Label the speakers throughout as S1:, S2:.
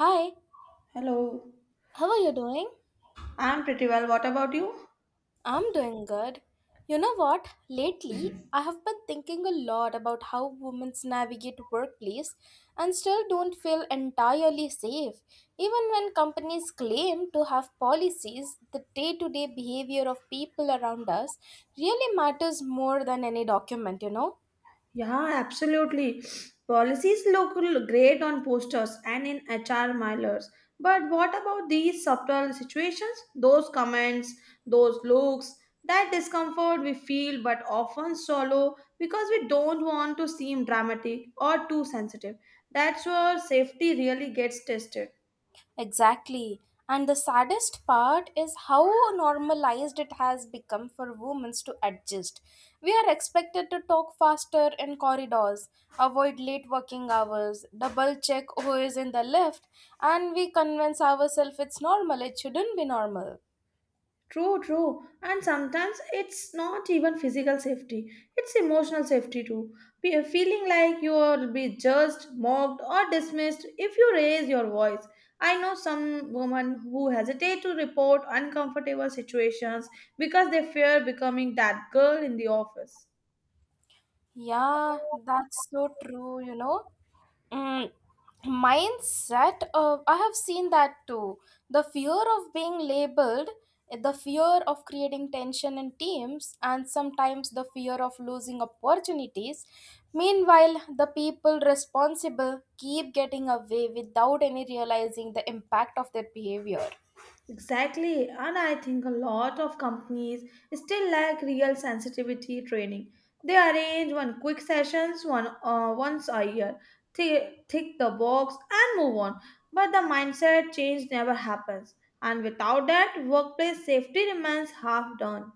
S1: Hi,
S2: Hello.
S1: how are you doing?
S2: I'm pretty well. What about you?
S1: I'm doing good. You know what? Lately, I have been thinking a lot about how women navigate workplace and still don't feel entirely safe, even when companies claim to have policies. The day-to-day behavior of people around us really matters more than any document, you know?
S2: Yeah, absolutely. Policies look great on posters and in HR mailers. But what about these subtle situations? Those comments, those looks, that discomfort we feel but often swallow because we don't want to seem dramatic or too sensitive. That's where safety really gets tested.
S1: Exactly. And the saddest part is how normalized it has become for women to adjust. We are expected to talk faster in corridors, avoid late working hours, double check who is in the lift, and we convince ourselves it's normal, it shouldn't be normal.
S2: True. And sometimes it's not even physical safety, it's emotional safety too. Be- a Feeling like you will be judged, mocked, or dismissed if you raise your voice. I know some women who hesitate to report uncomfortable situations because they fear becoming that girl in the office.
S1: Yeah, that's so true, you know. Mm, mindset, I have seen that too. The fear of being labeled, the fear of creating tension in teams, and sometimes the fear of losing opportunities. Meanwhile, the people responsible keep getting away without any realizing the impact of their behavior.
S2: Exactly, and I think a lot of companies still lack real sensitivity training. They arrange one quick sessions one once a year, tick the box and move on. But the mindset change never happens, and without that, workplace safety remains half done.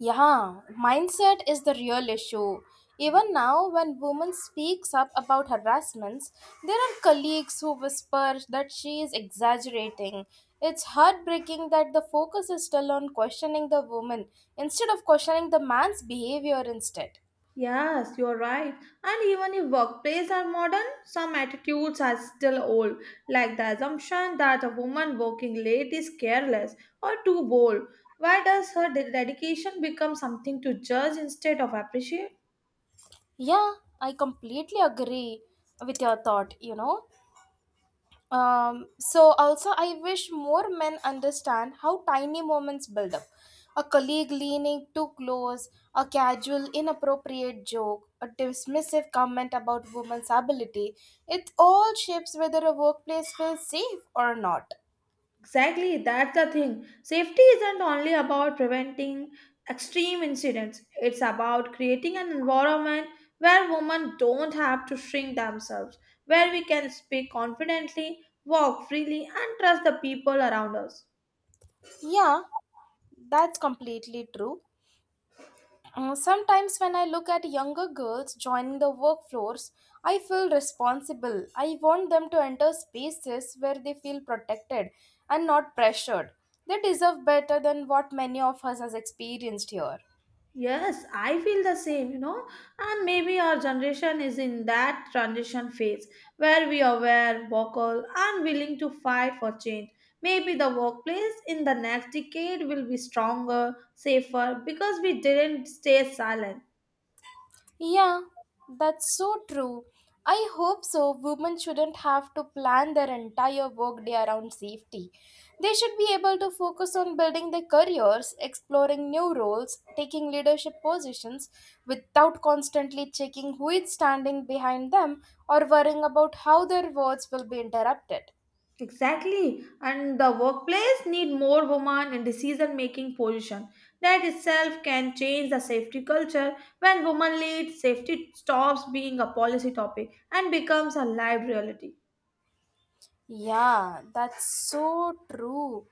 S1: Yeah, mindset is the real issue. Even now, when woman speaks up about harassments, there are colleagues who whisper that she is exaggerating. It's heartbreaking that the focus is still on questioning the woman instead of questioning the man's behavior instead.
S2: Yes, you're right. And even if workplaces are modern, some attitudes are still old, like the assumption that a woman working late is careless or too bold. Why does her dedication become something to judge instead of appreciate?
S1: Yeah, I completely agree with your thought, you know. So also I wish more men understand how tiny moments build up. A colleague leaning too close, a casual inappropriate joke, a dismissive comment about women's ability, it all shapes whether a workplace feels safe or not.
S2: Exactly, that's the thing. Safety isn't only about preventing extreme incidents, it's about creating an environment where women don't have to shrink themselves, where we can speak confidently, walk freely, and trust the people around us.
S1: Yeah, that's completely true. Sometimes, when I look at younger girls joining the workforce, I feel responsible. I want them to enter spaces where they feel protected and not pressured. They deserve better than what many of us has experienced here.
S2: Yes, I feel the same, you know, and maybe our generation is in that transition phase where we are aware, vocal, and willing to fight for change. Maybe the workplace in the next decade will be stronger, safer, because we didn't stay silent.
S1: Yeah, that's so true. I hope so. Women shouldn't have to plan their entire workday around safety. They should be able to focus on building their careers, exploring new roles, taking leadership positions without constantly checking who is standing behind them or worrying about how their words will be interrupted.
S2: Exactly, and the workplace need more women in decision-making position. That itself can change the safety culture. When women lead, safety stops being a policy topic and becomes a live reality.
S1: Yeah, that's so true.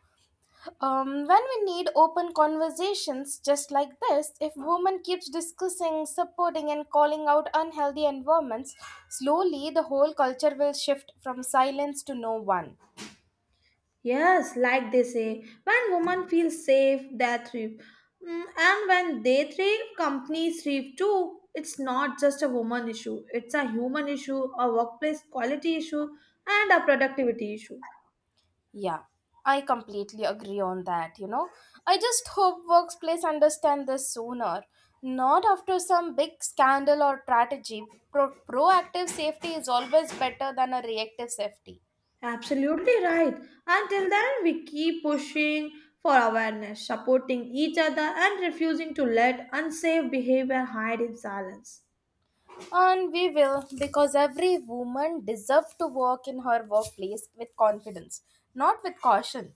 S1: When we need open conversations just like this, if women keeps discussing, supporting and calling out unhealthy environments, slowly the whole culture will shift from silence to no one.
S2: Yes, like they say, when women feel safe, they thrive. Mm, and when they thrive, companies thrive too. It's not just a woman issue, it's a human issue, a workplace quality issue, and a productivity issue.
S1: Yeah, I completely agree on that, you know. I just hope workplace understand this sooner. Not after some big scandal or tragedy. Proactive safety is always better than a reactive safety.
S2: Absolutely right. Until then, we keep pushing for awareness, supporting each other, and refusing to let unsafe behavior hide in silence.
S1: And we will, because every woman deserves to work in her workplace with confidence, not with caution.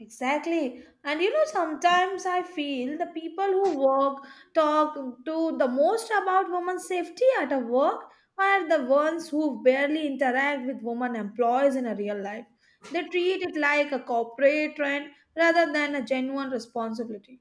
S2: Exactly. And you know, sometimes I feel the people who work talk to the most about women's safety at a work are the ones who barely interact with women employees in a real life. They treat it like a corporate trend rather than a genuine responsibility.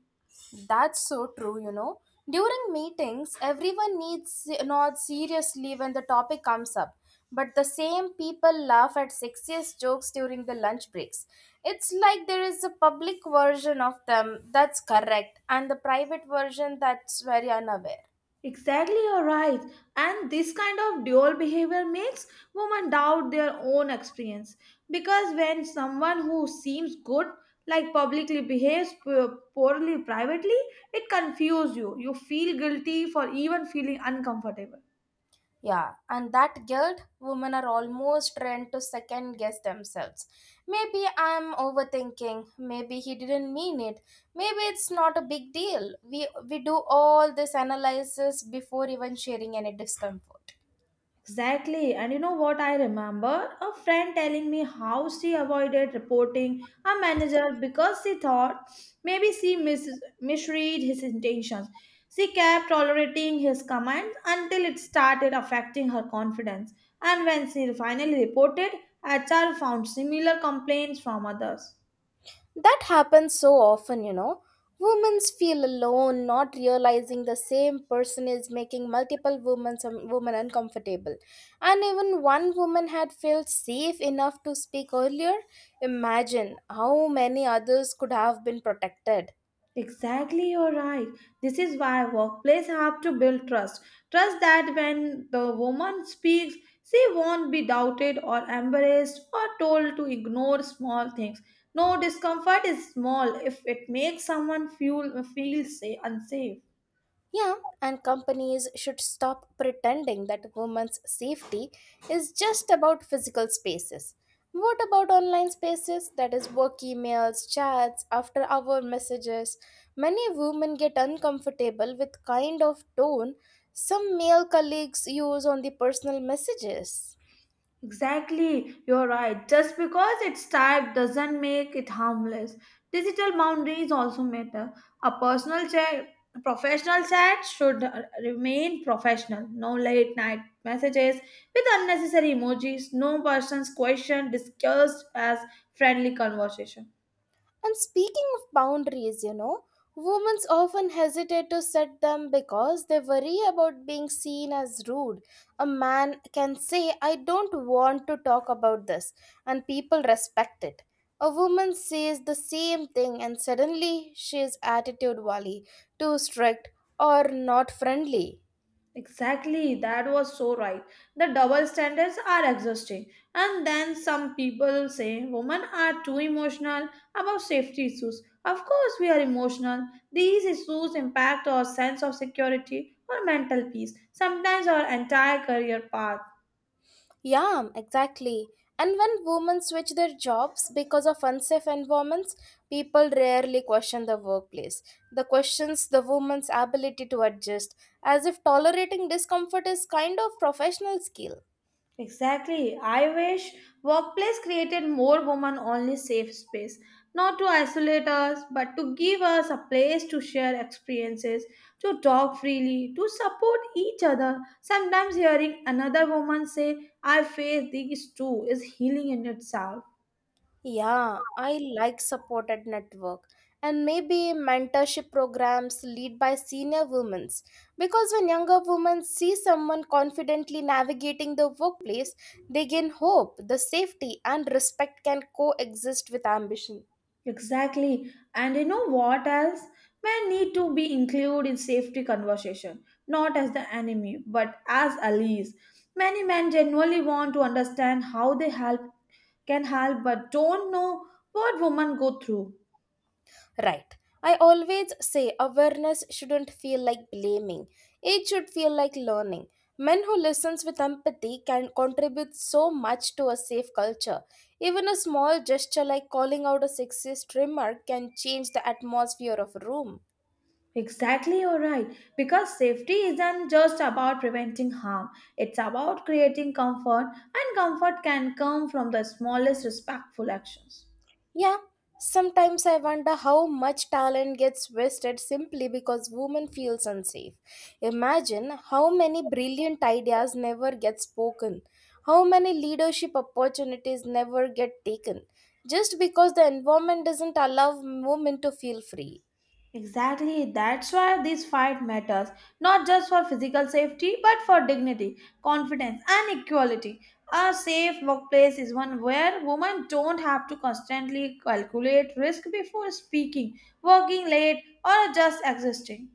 S1: That's so true, you know. During meetings, everyone needs not seriously when the topic comes up, but the same people laugh at sexiest jokes during the lunch breaks. It's like there is a public version of them that's correct, and the private version that's very unaware.
S2: Exactly, you're right. And this kind of dual behavior makes women doubt their own experience. Because when someone who seems good, like publicly behaves poorly privately, it confuses you. You feel guilty for even feeling uncomfortable.
S1: Yeah, and that guilt, women are almost trained to second guess themselves. Maybe I'm overthinking. Maybe he didn't mean it. Maybe it's not a big deal. We do all this analysis before even sharing any discomfort.
S2: Exactly. And you know what I remember? A friend telling me how she avoided reporting her manager because she thought maybe she misread his intentions. She kept tolerating his commands until it started affecting her confidence. And when she finally reported, HR found similar complaints from others.
S1: That happens so often, you know. Women feel alone, not realizing the same person is making multiple women some women uncomfortable. And even one woman had felt safe enough to speak earlier. Imagine how many others could have been protected.
S2: Exactly, you're right. This is why workplace have to build trust. Trust that when the woman speaks, she won't be doubted or embarrassed or told to ignore small things. No discomfort is small if it makes someone feel say, unsafe.
S1: Yeah, and companies should stop pretending that women's safety is just about physical spaces. What about online spaces? That is work emails, chats, after hour messages. Many women get uncomfortable with kind of tone some male colleagues use on the personal messages.
S2: Exactly, you're right. Just because it's typed doesn't make it harmless. Digital boundaries also matter. A personal chat, a professional chat should remain professional. No late night messages with unnecessary emojis. No person's question discussed as friendly conversation.
S1: And speaking of boundaries, you know, women often hesitate to set them because they worry about being seen as rude. A man can say, I don't want to talk about this, and people respect it. A woman says the same thing, and suddenly she is attitude wally, too strict, or not friendly.
S2: Exactly, that was so right. The double standards are exhausting. And then some people say women are too emotional about safety issues. Of course, we are emotional. These issues impact our sense of security or mental peace, sometimes our entire career path.
S1: Yeah, exactly. And when women switch their jobs because of unsafe environments, people rarely question the workplace. The questions the woman's ability to adjust, as if tolerating discomfort is kind of professional skill.
S2: Exactly. I wish workplace created more women only safe space, not to isolate us, but to give us a place to share experiences, to talk freely, to support each other. Sometimes hearing another woman say, I face these too, is healing in itself.
S1: Yeah, I like supported network and maybe mentorship programs lead by senior women because when younger women see someone confidently navigating the workplace, they gain hope, the safety and respect can coexist with ambition.
S2: Exactly. And you know what else? Men need to be included in safety conversation, not as the enemy, but as allies. Many men genuinely want to understand how they help can help but don't know what women go through.
S1: Right. I always say awareness shouldn't feel like blaming. It should feel like learning. Men who listens with empathy can contribute so much to a safe culture. Even a small gesture like calling out a sexist remark can change the atmosphere of a room.
S2: Exactly, you're right. Because safety isn't just about preventing harm, it's about creating comfort, and comfort can come from the smallest respectful actions.
S1: Yeah, sometimes I wonder how much talent gets wasted simply because women feels unsafe. Imagine how many brilliant ideas never get spoken, how many leadership opportunities never get taken just because the environment doesn't allow women to feel free.
S2: Exactly, that's why this fight matters, not just for physical safety, but for dignity, confidence, and equality. A safe workplace is one where women don't have to constantly calculate risk before speaking, working late, or just existing.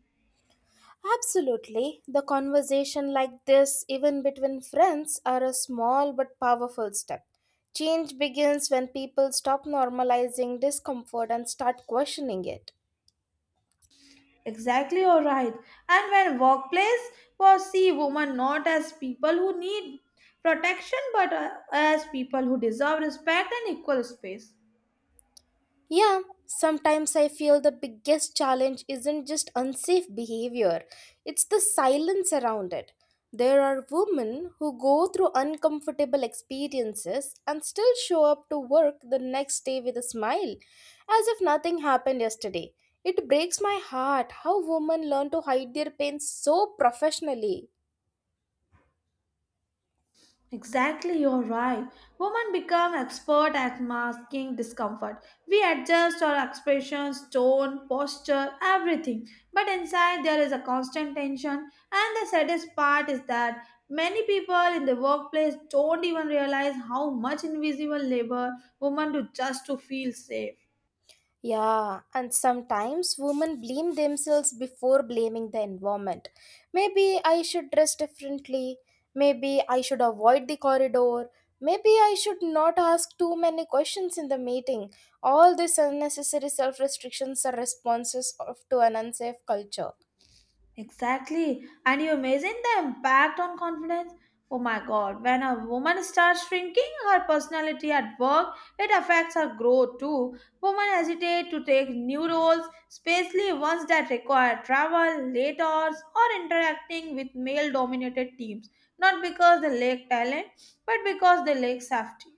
S1: Absolutely. The conversation like this, even between friends, are a small but powerful step. Change begins when people stop normalizing discomfort and start questioning it.
S2: Exactly, you're right. And when workplace was see women not as people who need protection, but as people who deserve respect and equal space.
S1: Yeah, sometimes I feel the biggest challenge isn't just unsafe behavior, it's the silence around it. There are women who go through uncomfortable experiences and still show up to work the next day with a smile, as if nothing happened yesterday. It breaks my heart how women learn to hide their pain so professionally.
S2: Exactly, you're right. Women become expert at masking discomfort. We adjust our expressions, tone, posture, everything. But inside there is a constant tension, and the saddest part is that many people in the workplace don't even realize how much invisible labor women do just to feel safe.
S1: Yeah, and sometimes women blame themselves before blaming the environment. Maybe I should dress differently. Maybe I should avoid the corridor. Maybe I should not ask too many questions in the meeting. All these unnecessary self restrictions are responses of, to an unsafe culture.
S2: Exactly. And you imagine the impact on confidence? Oh my god, when a woman starts shrinking her personality at work, it affects her growth too. Women hesitate to take new roles, especially ones that require travel, late hours, or interacting with male dominated teams. Not because they lack talent, but because they lack safety.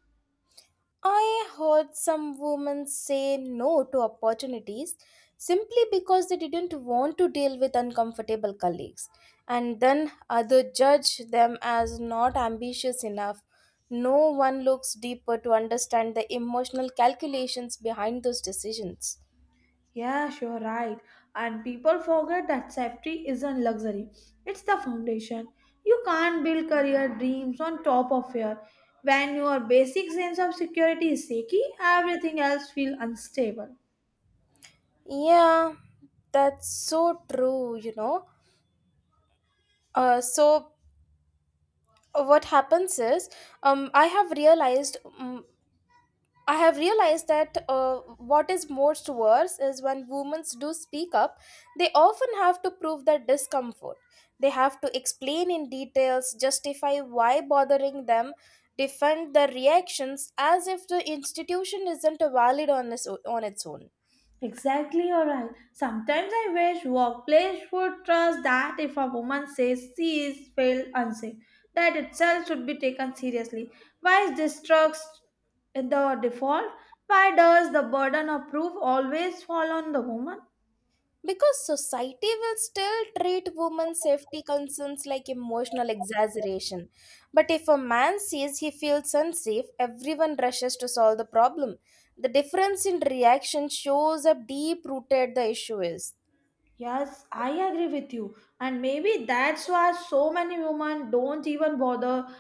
S1: I heard some women say no to opportunities simply because they didn't want to deal with uncomfortable colleagues, and then others judge them as not ambitious enough. No one looks deeper to understand the emotional calculations behind those decisions.
S2: Yeah, sure, right. And people forget that safety isn't luxury, it's the foundation. You can't build career dreams on top of fear. When your basic sense of security is shaky, everything else feels unstable.
S1: Yeah, that's so true, you know. Uh, so, what happens is, um, I have realized um, I have realized that what is most worse is when women do speak up, they often have to prove their discomfort. They have to explain in details, justify why bothering them, defend their reactions as if the institution isn't valid on, this, on its own.
S2: Exactly, you're right. Sometimes I wish workplace would trust that if a woman says she is feel unsafe, that itself should be taken seriously. Why is this trust the default? Why does the burden of proof always fall on the woman?
S1: Because society will still treat women's safety concerns like emotional exaggeration. But if a man says he feels unsafe, everyone rushes to solve the problem. The difference in reaction shows how deep rooted the issue is.
S2: Yes, I agree with you. And maybe that's why so many women don't even bother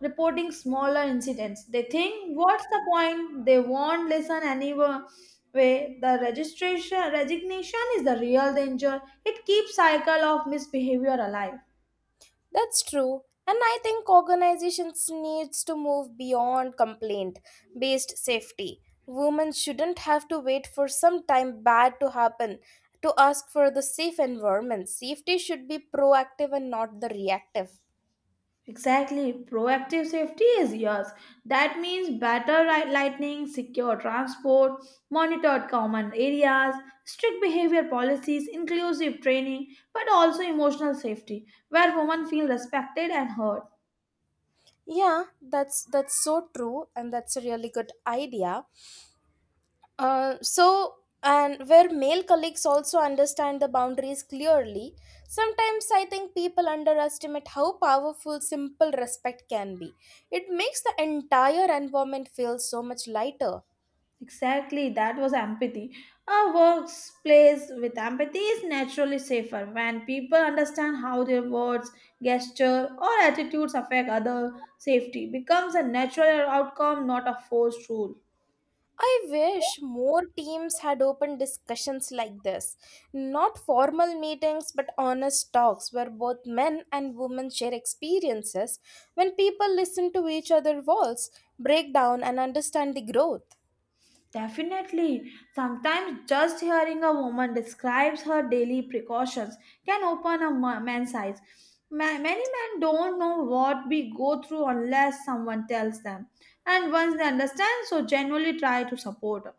S2: reporting smaller incidents. They think, what's the point? They won't listen anyway. The registration resignation is the real danger. It keeps cycle of misbehavior alive.
S1: That's true. And I think organizations needs to move beyond complaint based safety. Women shouldn't have to wait for some time bad to happen to ask for the safe environment. Safety should be proactive and not the reactive.
S2: Exactly. Proactive safety is yours. That means better lighting, secure transport, monitored common areas, strict behavior policies, inclusive training, but also emotional safety, where women feel respected and heard.
S1: Yeah, that's so true and that's a really good idea. Uh, so, and where male colleagues also understand the boundaries clearly, sometimes I think people underestimate how powerful simple respect can be. It makes the entire environment feel so much lighter.
S2: Exactly. That was empathy. A workplace with empathy is naturally safer when people understand how their words, gesture, or attitudes affect other safety becomes a natural outcome, not a forced rule.
S1: I wish more teams had open discussions like this. Not formal meetings, but honest talks where both men and women share experiences. When people listen to each other's walls, break down, and understand the growth.
S2: Definitely. Sometimes just hearing a woman describes her daily precautions can open a man's eyes. Many men don't know what we go through unless someone tells them. And once they understand, so genuinely try to support. Her.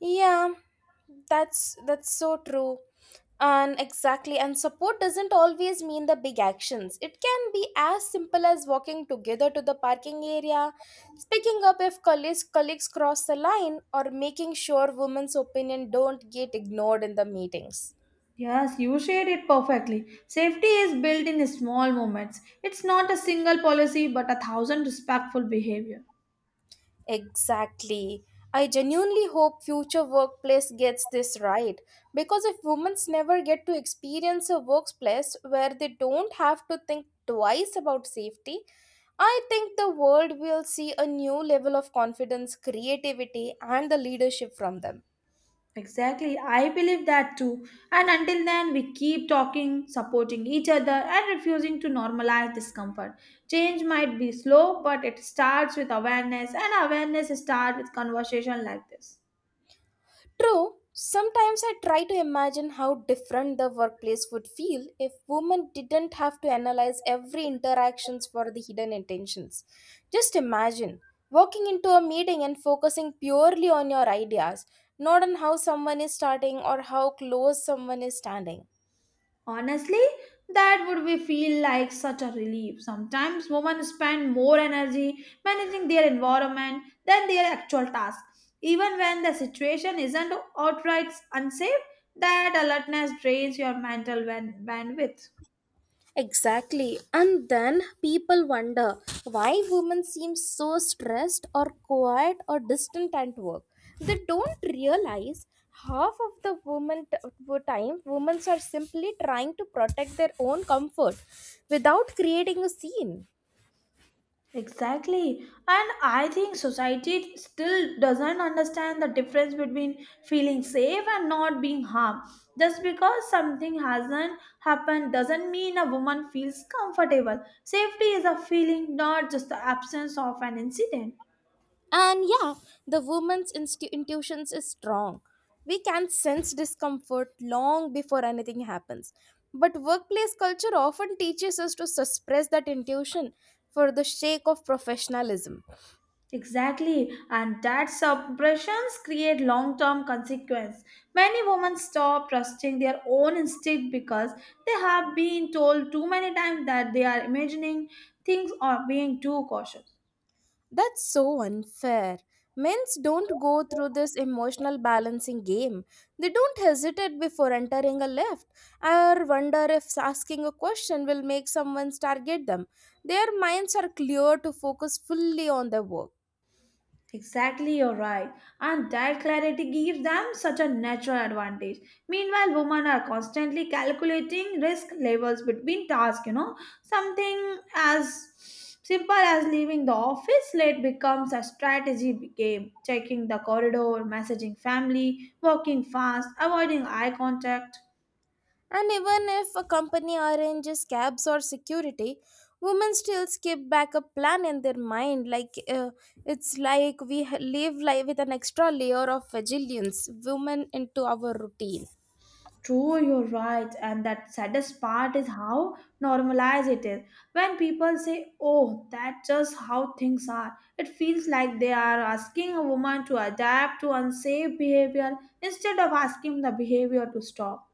S1: Yeah, that's so true and exactly and support doesn't always mean the big actions, it can be as simple as walking together to the parking area, speaking up if colleagues cross the line or making sure women's opinion don't get ignored in the meetings.
S2: Yes, you shared it perfectly. Safety is built in small moments. It's not a single policy but a thousand respectful behavior.
S1: Exactly. I genuinely hope future workplace gets this right because if women never get to experience a workplace where they don't have to think twice about safety, I think the world will see a new level of confidence, creativity and the leadership from them.
S2: Exactly, I believe that too. And until then, we keep talking, supporting each other, and refusing to normalize discomfort. Change might be slow, but it starts with awareness, and awareness starts with conversation like this.
S1: True, sometimes I try to imagine how different the workplace would feel if women didn't have to analyze every interactions for the hidden intentions. Just imagine walking into a meeting and focusing purely on your ideas, not on how someone is starting or how close someone is standing.
S2: Honestly, that would be feel like such a relief. Sometimes women spend more energy managing their environment than their actual task. Even when the situation isn't outright unsafe, that alertness drains your mental bandwidth.
S1: Exactly. And then people wonder why women seem so stressed or quiet or distant at work. They don't realize half of the time women are simply trying to protect their own comfort without creating a scene.
S2: Exactly. And I think society still doesn't understand the difference between feeling safe and not being harmed. Just because something hasn't happened doesn't mean a woman feels comfortable. Safety is a feeling, not just the absence of an incident.
S1: And yeah, the woman's intuitions is strong. We can sense discomfort long before anything happens. But workplace culture often teaches us to suppress that intuition for the sake of professionalism.
S2: Exactly, and that suppressions create long-term consequence. Many women stop trusting their own instinct because they have been told too many times that they are imagining things or being too cautious.
S1: That's so unfair. Men's don't go through this emotional balancing game. They don't hesitate before entering a lift or wonder if asking a question will make someone target them. Their minds are clear to focus fully on their work.
S2: Exactly, you're right. And that clarity gives them such a natural advantage. Meanwhile, women are constantly calculating risk levels between tasks, you know. Something as simple as leaving the office late becomes a strategy game. Checking the corridor, messaging family, walking fast, avoiding eye contact.
S1: And even if a company arranges cabs or security, women still skip back a plan in their mind. It's like we live life with an extra layer of vigilance, women into our routine.
S2: True, you're right. And that saddest part is how normalized it is. When people say, oh, that's just how things are, it feels like they are asking a woman to adapt to unsafe behavior instead of asking the behavior to stop.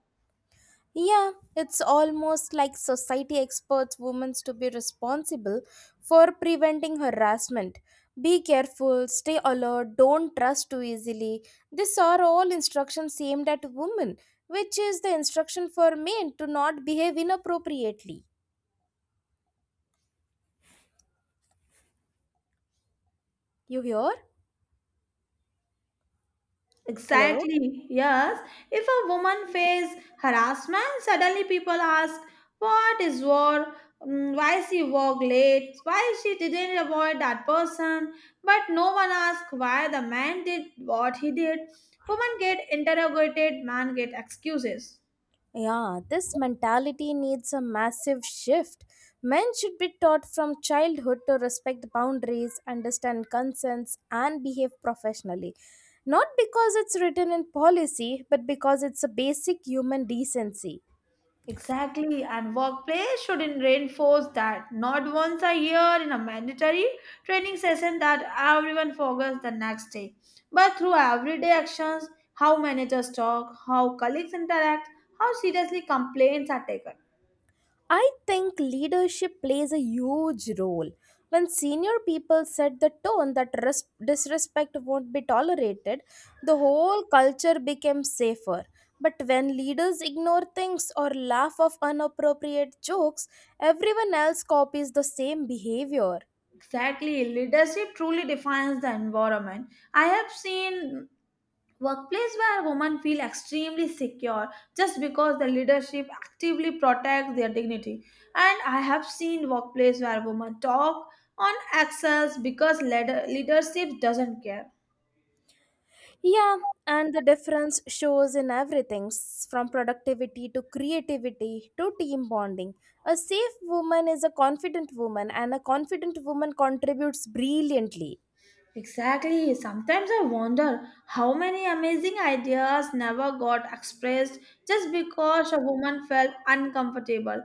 S1: Yeah, it's almost like society expects women to be responsible for preventing harassment. Be careful, stay alert, don't trust too easily. These are all instructions aimed at women, which is the instruction for men to not behave inappropriately. You hear? Hello?
S2: Exactly, yes. If a woman faces harassment, suddenly people ask, what is war? Mm, why she walked late? Why she didn't avoid that person? But no one asks why the man did what he did. Women get interrogated, man get excuses.
S1: Yeah, this mentality needs a massive shift. Men should be taught from childhood to respect boundaries, understand consents, and behave professionally. Not because it's written in policy, but because it's a basic human decency.
S2: Exactly, and workplace should reinforce that not once a year in a mandatory training session that everyone forgets the next day, but through everyday actions, how managers talk, how colleagues interact, how seriously complaints are taken.
S1: I think leadership plays a huge role. When senior people set the tone that disrespect won't be tolerated, the whole culture becomes safer. But when leaders ignore things or laugh off inappropriate jokes, everyone else copies the same behavior.
S2: Exactly, leadership truly defines the environment. I have seen workplace where women feel extremely secure just because the leadership actively protects their dignity. And I have seen workplace where women talk on excels because leadership doesn't care.
S1: Yeah, and the difference shows in everything from productivity to creativity to team bonding. A safe woman is a confident woman, and a confident woman contributes brilliantly.
S2: Exactly. Sometimes I wonder how many amazing ideas never got expressed just because a woman felt uncomfortable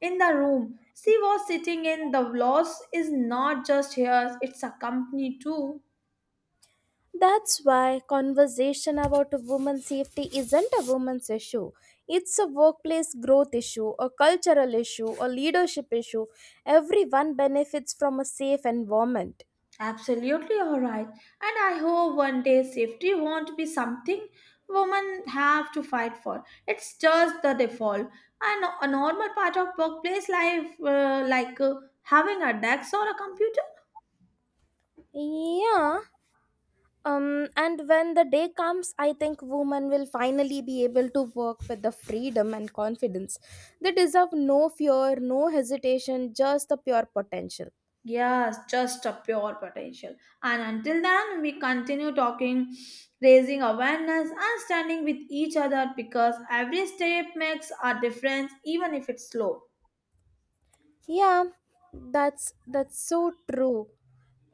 S2: in the room. She was sitting in the loss is not just hers, it's a company too.
S1: That's why conversation about a woman's safety isn't a woman's issue. It's a workplace growth issue, a cultural issue, a leadership issue. Everyone benefits from a safe environment.
S2: Absolutely all right. And I hope one day safety won't be something women have to fight for. It's just the default. And a normal part of workplace life, like having a desk or a computer.
S1: Yeah, and when the day comes, I think women will finally be able to work with the freedom and confidence. They deserve no fear, no hesitation, just the pure potential.
S2: Yes, just a pure potential. And until then, we continue talking, raising awareness, and standing with each other because every step makes a difference, even if it's slow.
S1: Yeah, that's so true.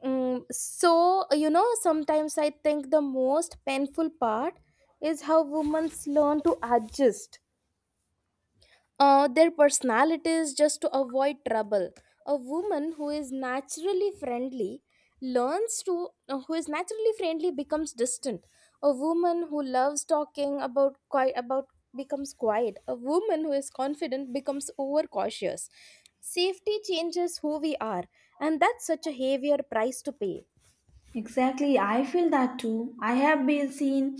S1: Sometimes I think the most painful part is how women learn to adjust their personalities just to avoid trouble. A woman who is naturally friendly who is naturally friendly becomes distant. A woman who loves talking about quiet about becomes quiet. A woman who is confident becomes overcautious. Safety changes who we are, and that's such a heavier price to pay.
S2: Exactly, I feel that too. I have been seen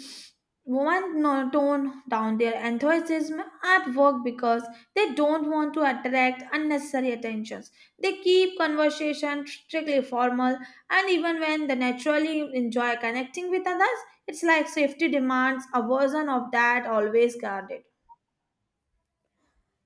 S2: one tone down their enthusiasm at work because they don't want to attract unnecessary attentions. They keep conversation strictly formal, and even when they naturally enjoy connecting with others, it's like safety demands a version of that always guarded.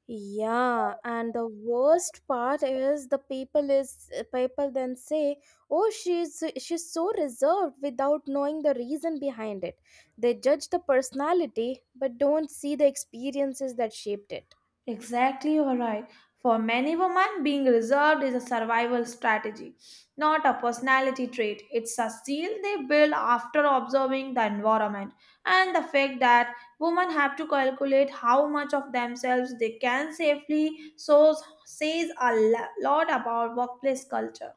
S1: Yeah, and the worst part is the people is people then say, "Oh, she's so reserved without knowing the reason behind it." They judge the personality but don't see the experiences that shaped it.
S2: Exactly, you are right. For many women, being reserved is a survival strategy, not a personality trait. It's a seal they build after observing the environment and the fact that women have to calculate how much of themselves they can safely shows says a lot about workplace culture.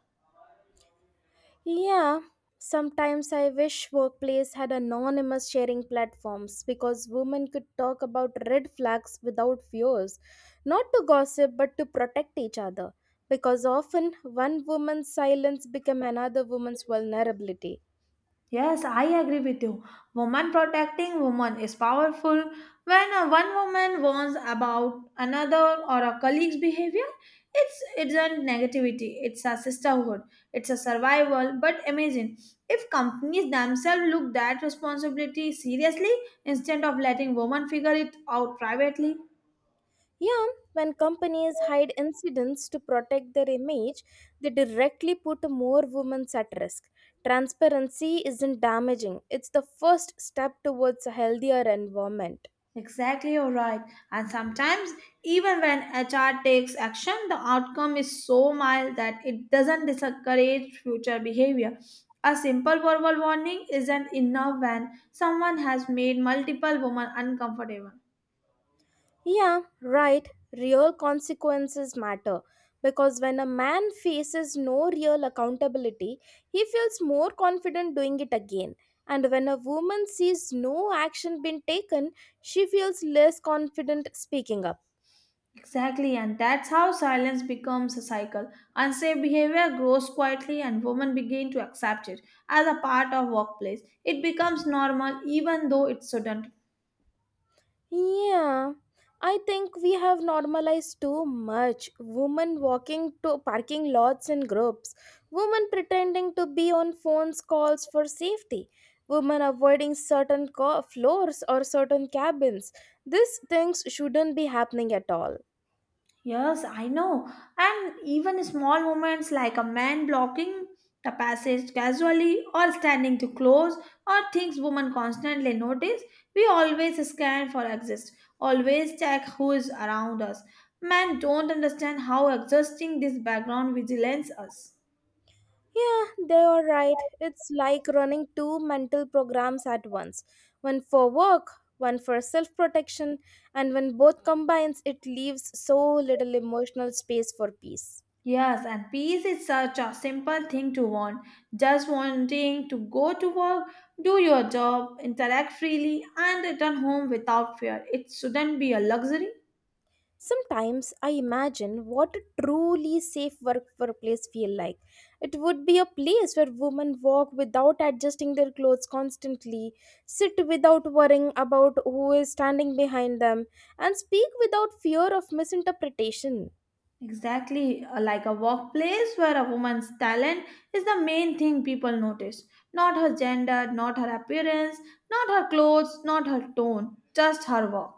S1: Yeah, sometimes I wish workplace had anonymous sharing platforms because women could talk about red flags without fears, not to gossip but to protect each other. Because often one woman's silence become another woman's vulnerability.
S2: Yes, I agree with you. Woman protecting woman is powerful. When a one woman warns about another or a colleague's behavior, it's a negativity. It's a sisterhood. It's a survival. But imagine if companies themselves look that responsibility seriously instead of letting women figure it out privately.
S1: Yeah, when companies hide incidents to protect their image, they directly put more women at risk. Transparency isn't damaging, it's the first step towards a healthier environment.
S2: Exactly, you're right. And sometimes, even when HR takes action, the outcome is so mild that it doesn't discourage future behavior. A simple verbal warning isn't enough when someone has made multiple women uncomfortable.
S1: Yeah, right. Real consequences matter because when a man faces no real accountability, he feels more confident doing it again. And when a woman sees no action being taken, she feels less confident speaking up.
S2: Exactly, and that's how silence becomes a cycle. Unsafe behavior grows quietly, and women begin to accept it as a part of workplace. It becomes normal, even though it shouldn't.
S1: Yeah, I think we have normalized too much. Women walking to parking lots in groups, women pretending to be on phones calls for safety, women avoiding floors or certain cabins. These things shouldn't be happening at all.
S2: Yes, I know. And even small moments like a man blocking the passage casually or standing too close or things women constantly notice, we always scan for exist, always check who is around us. Men don't understand how exhausting this background vigilance is.
S1: Yeah, they are right. It's like running two mental programs at once, one for work, one for self protection, and when both combines, it leaves so little emotional space for peace.
S2: Yes, and peace is such a simple thing to want. Just wanting to go to work, do your job, interact freely, and return home without fear. It shouldn't be a luxury.
S1: Sometimes I imagine what a truly safe workplace feel like. It would be a place where women walk without adjusting their clothes constantly, sit without worrying about who is standing behind them, and speak without fear of misinterpretation.
S2: Exactly, like a workplace where a woman's talent is the main thing people notice. Not her gender, not her appearance, not her clothes, not her tone, just her work.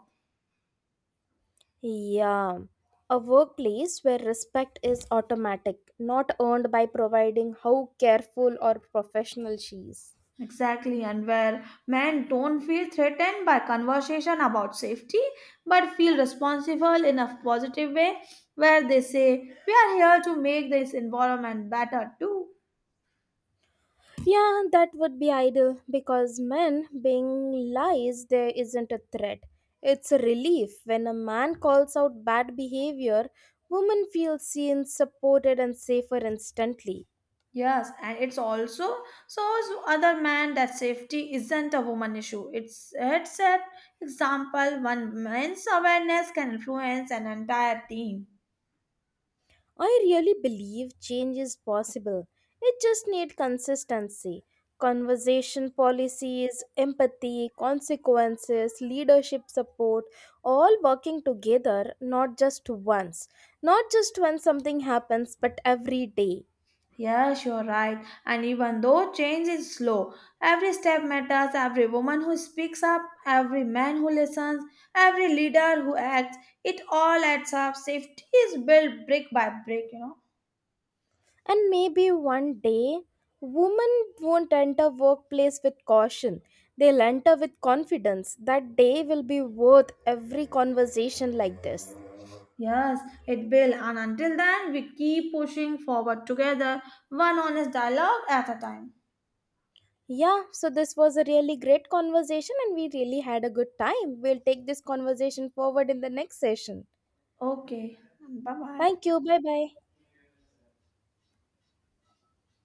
S1: Yeah, a workplace where respect is automatic, not earned by providing how careful or professional she is.
S2: Exactly, and where men don't feel threatened by conversation about safety but feel responsible in a positive way, where they say, we are here to make this environment better too.
S1: Yeah, that would be ideal because men being lies, there isn't a threat. It's a relief when a man calls out bad behavior, women feel seen, supported, and safer instantly.
S2: Yes, and it's also shows other man that safety isn't a woman issue. It's an example one man's awareness can influence an entire team.
S1: I really believe change is possible. It just needs consistency. Conversation policies, empathy, consequences, leadership support, all working together, not just once. Not just when something happens, but every day.
S2: Yes, you're right. And even though change is slow, every step matters. Every woman who speaks up, every man who listens, every leader who acts, it all adds up. Safety is built brick by brick, you know.
S1: And maybe one day, women won't enter workplace with caution. They'll enter with confidence. That day will be worth every conversation like this.
S2: Yes, it will. And until then, we keep pushing forward together, one honest dialogue at a time.
S1: Yeah, so this was a really great conversation and we really had a good time. We'll take this conversation forward in the next session.
S2: Okay, bye bye.
S1: Thank you. Bye bye.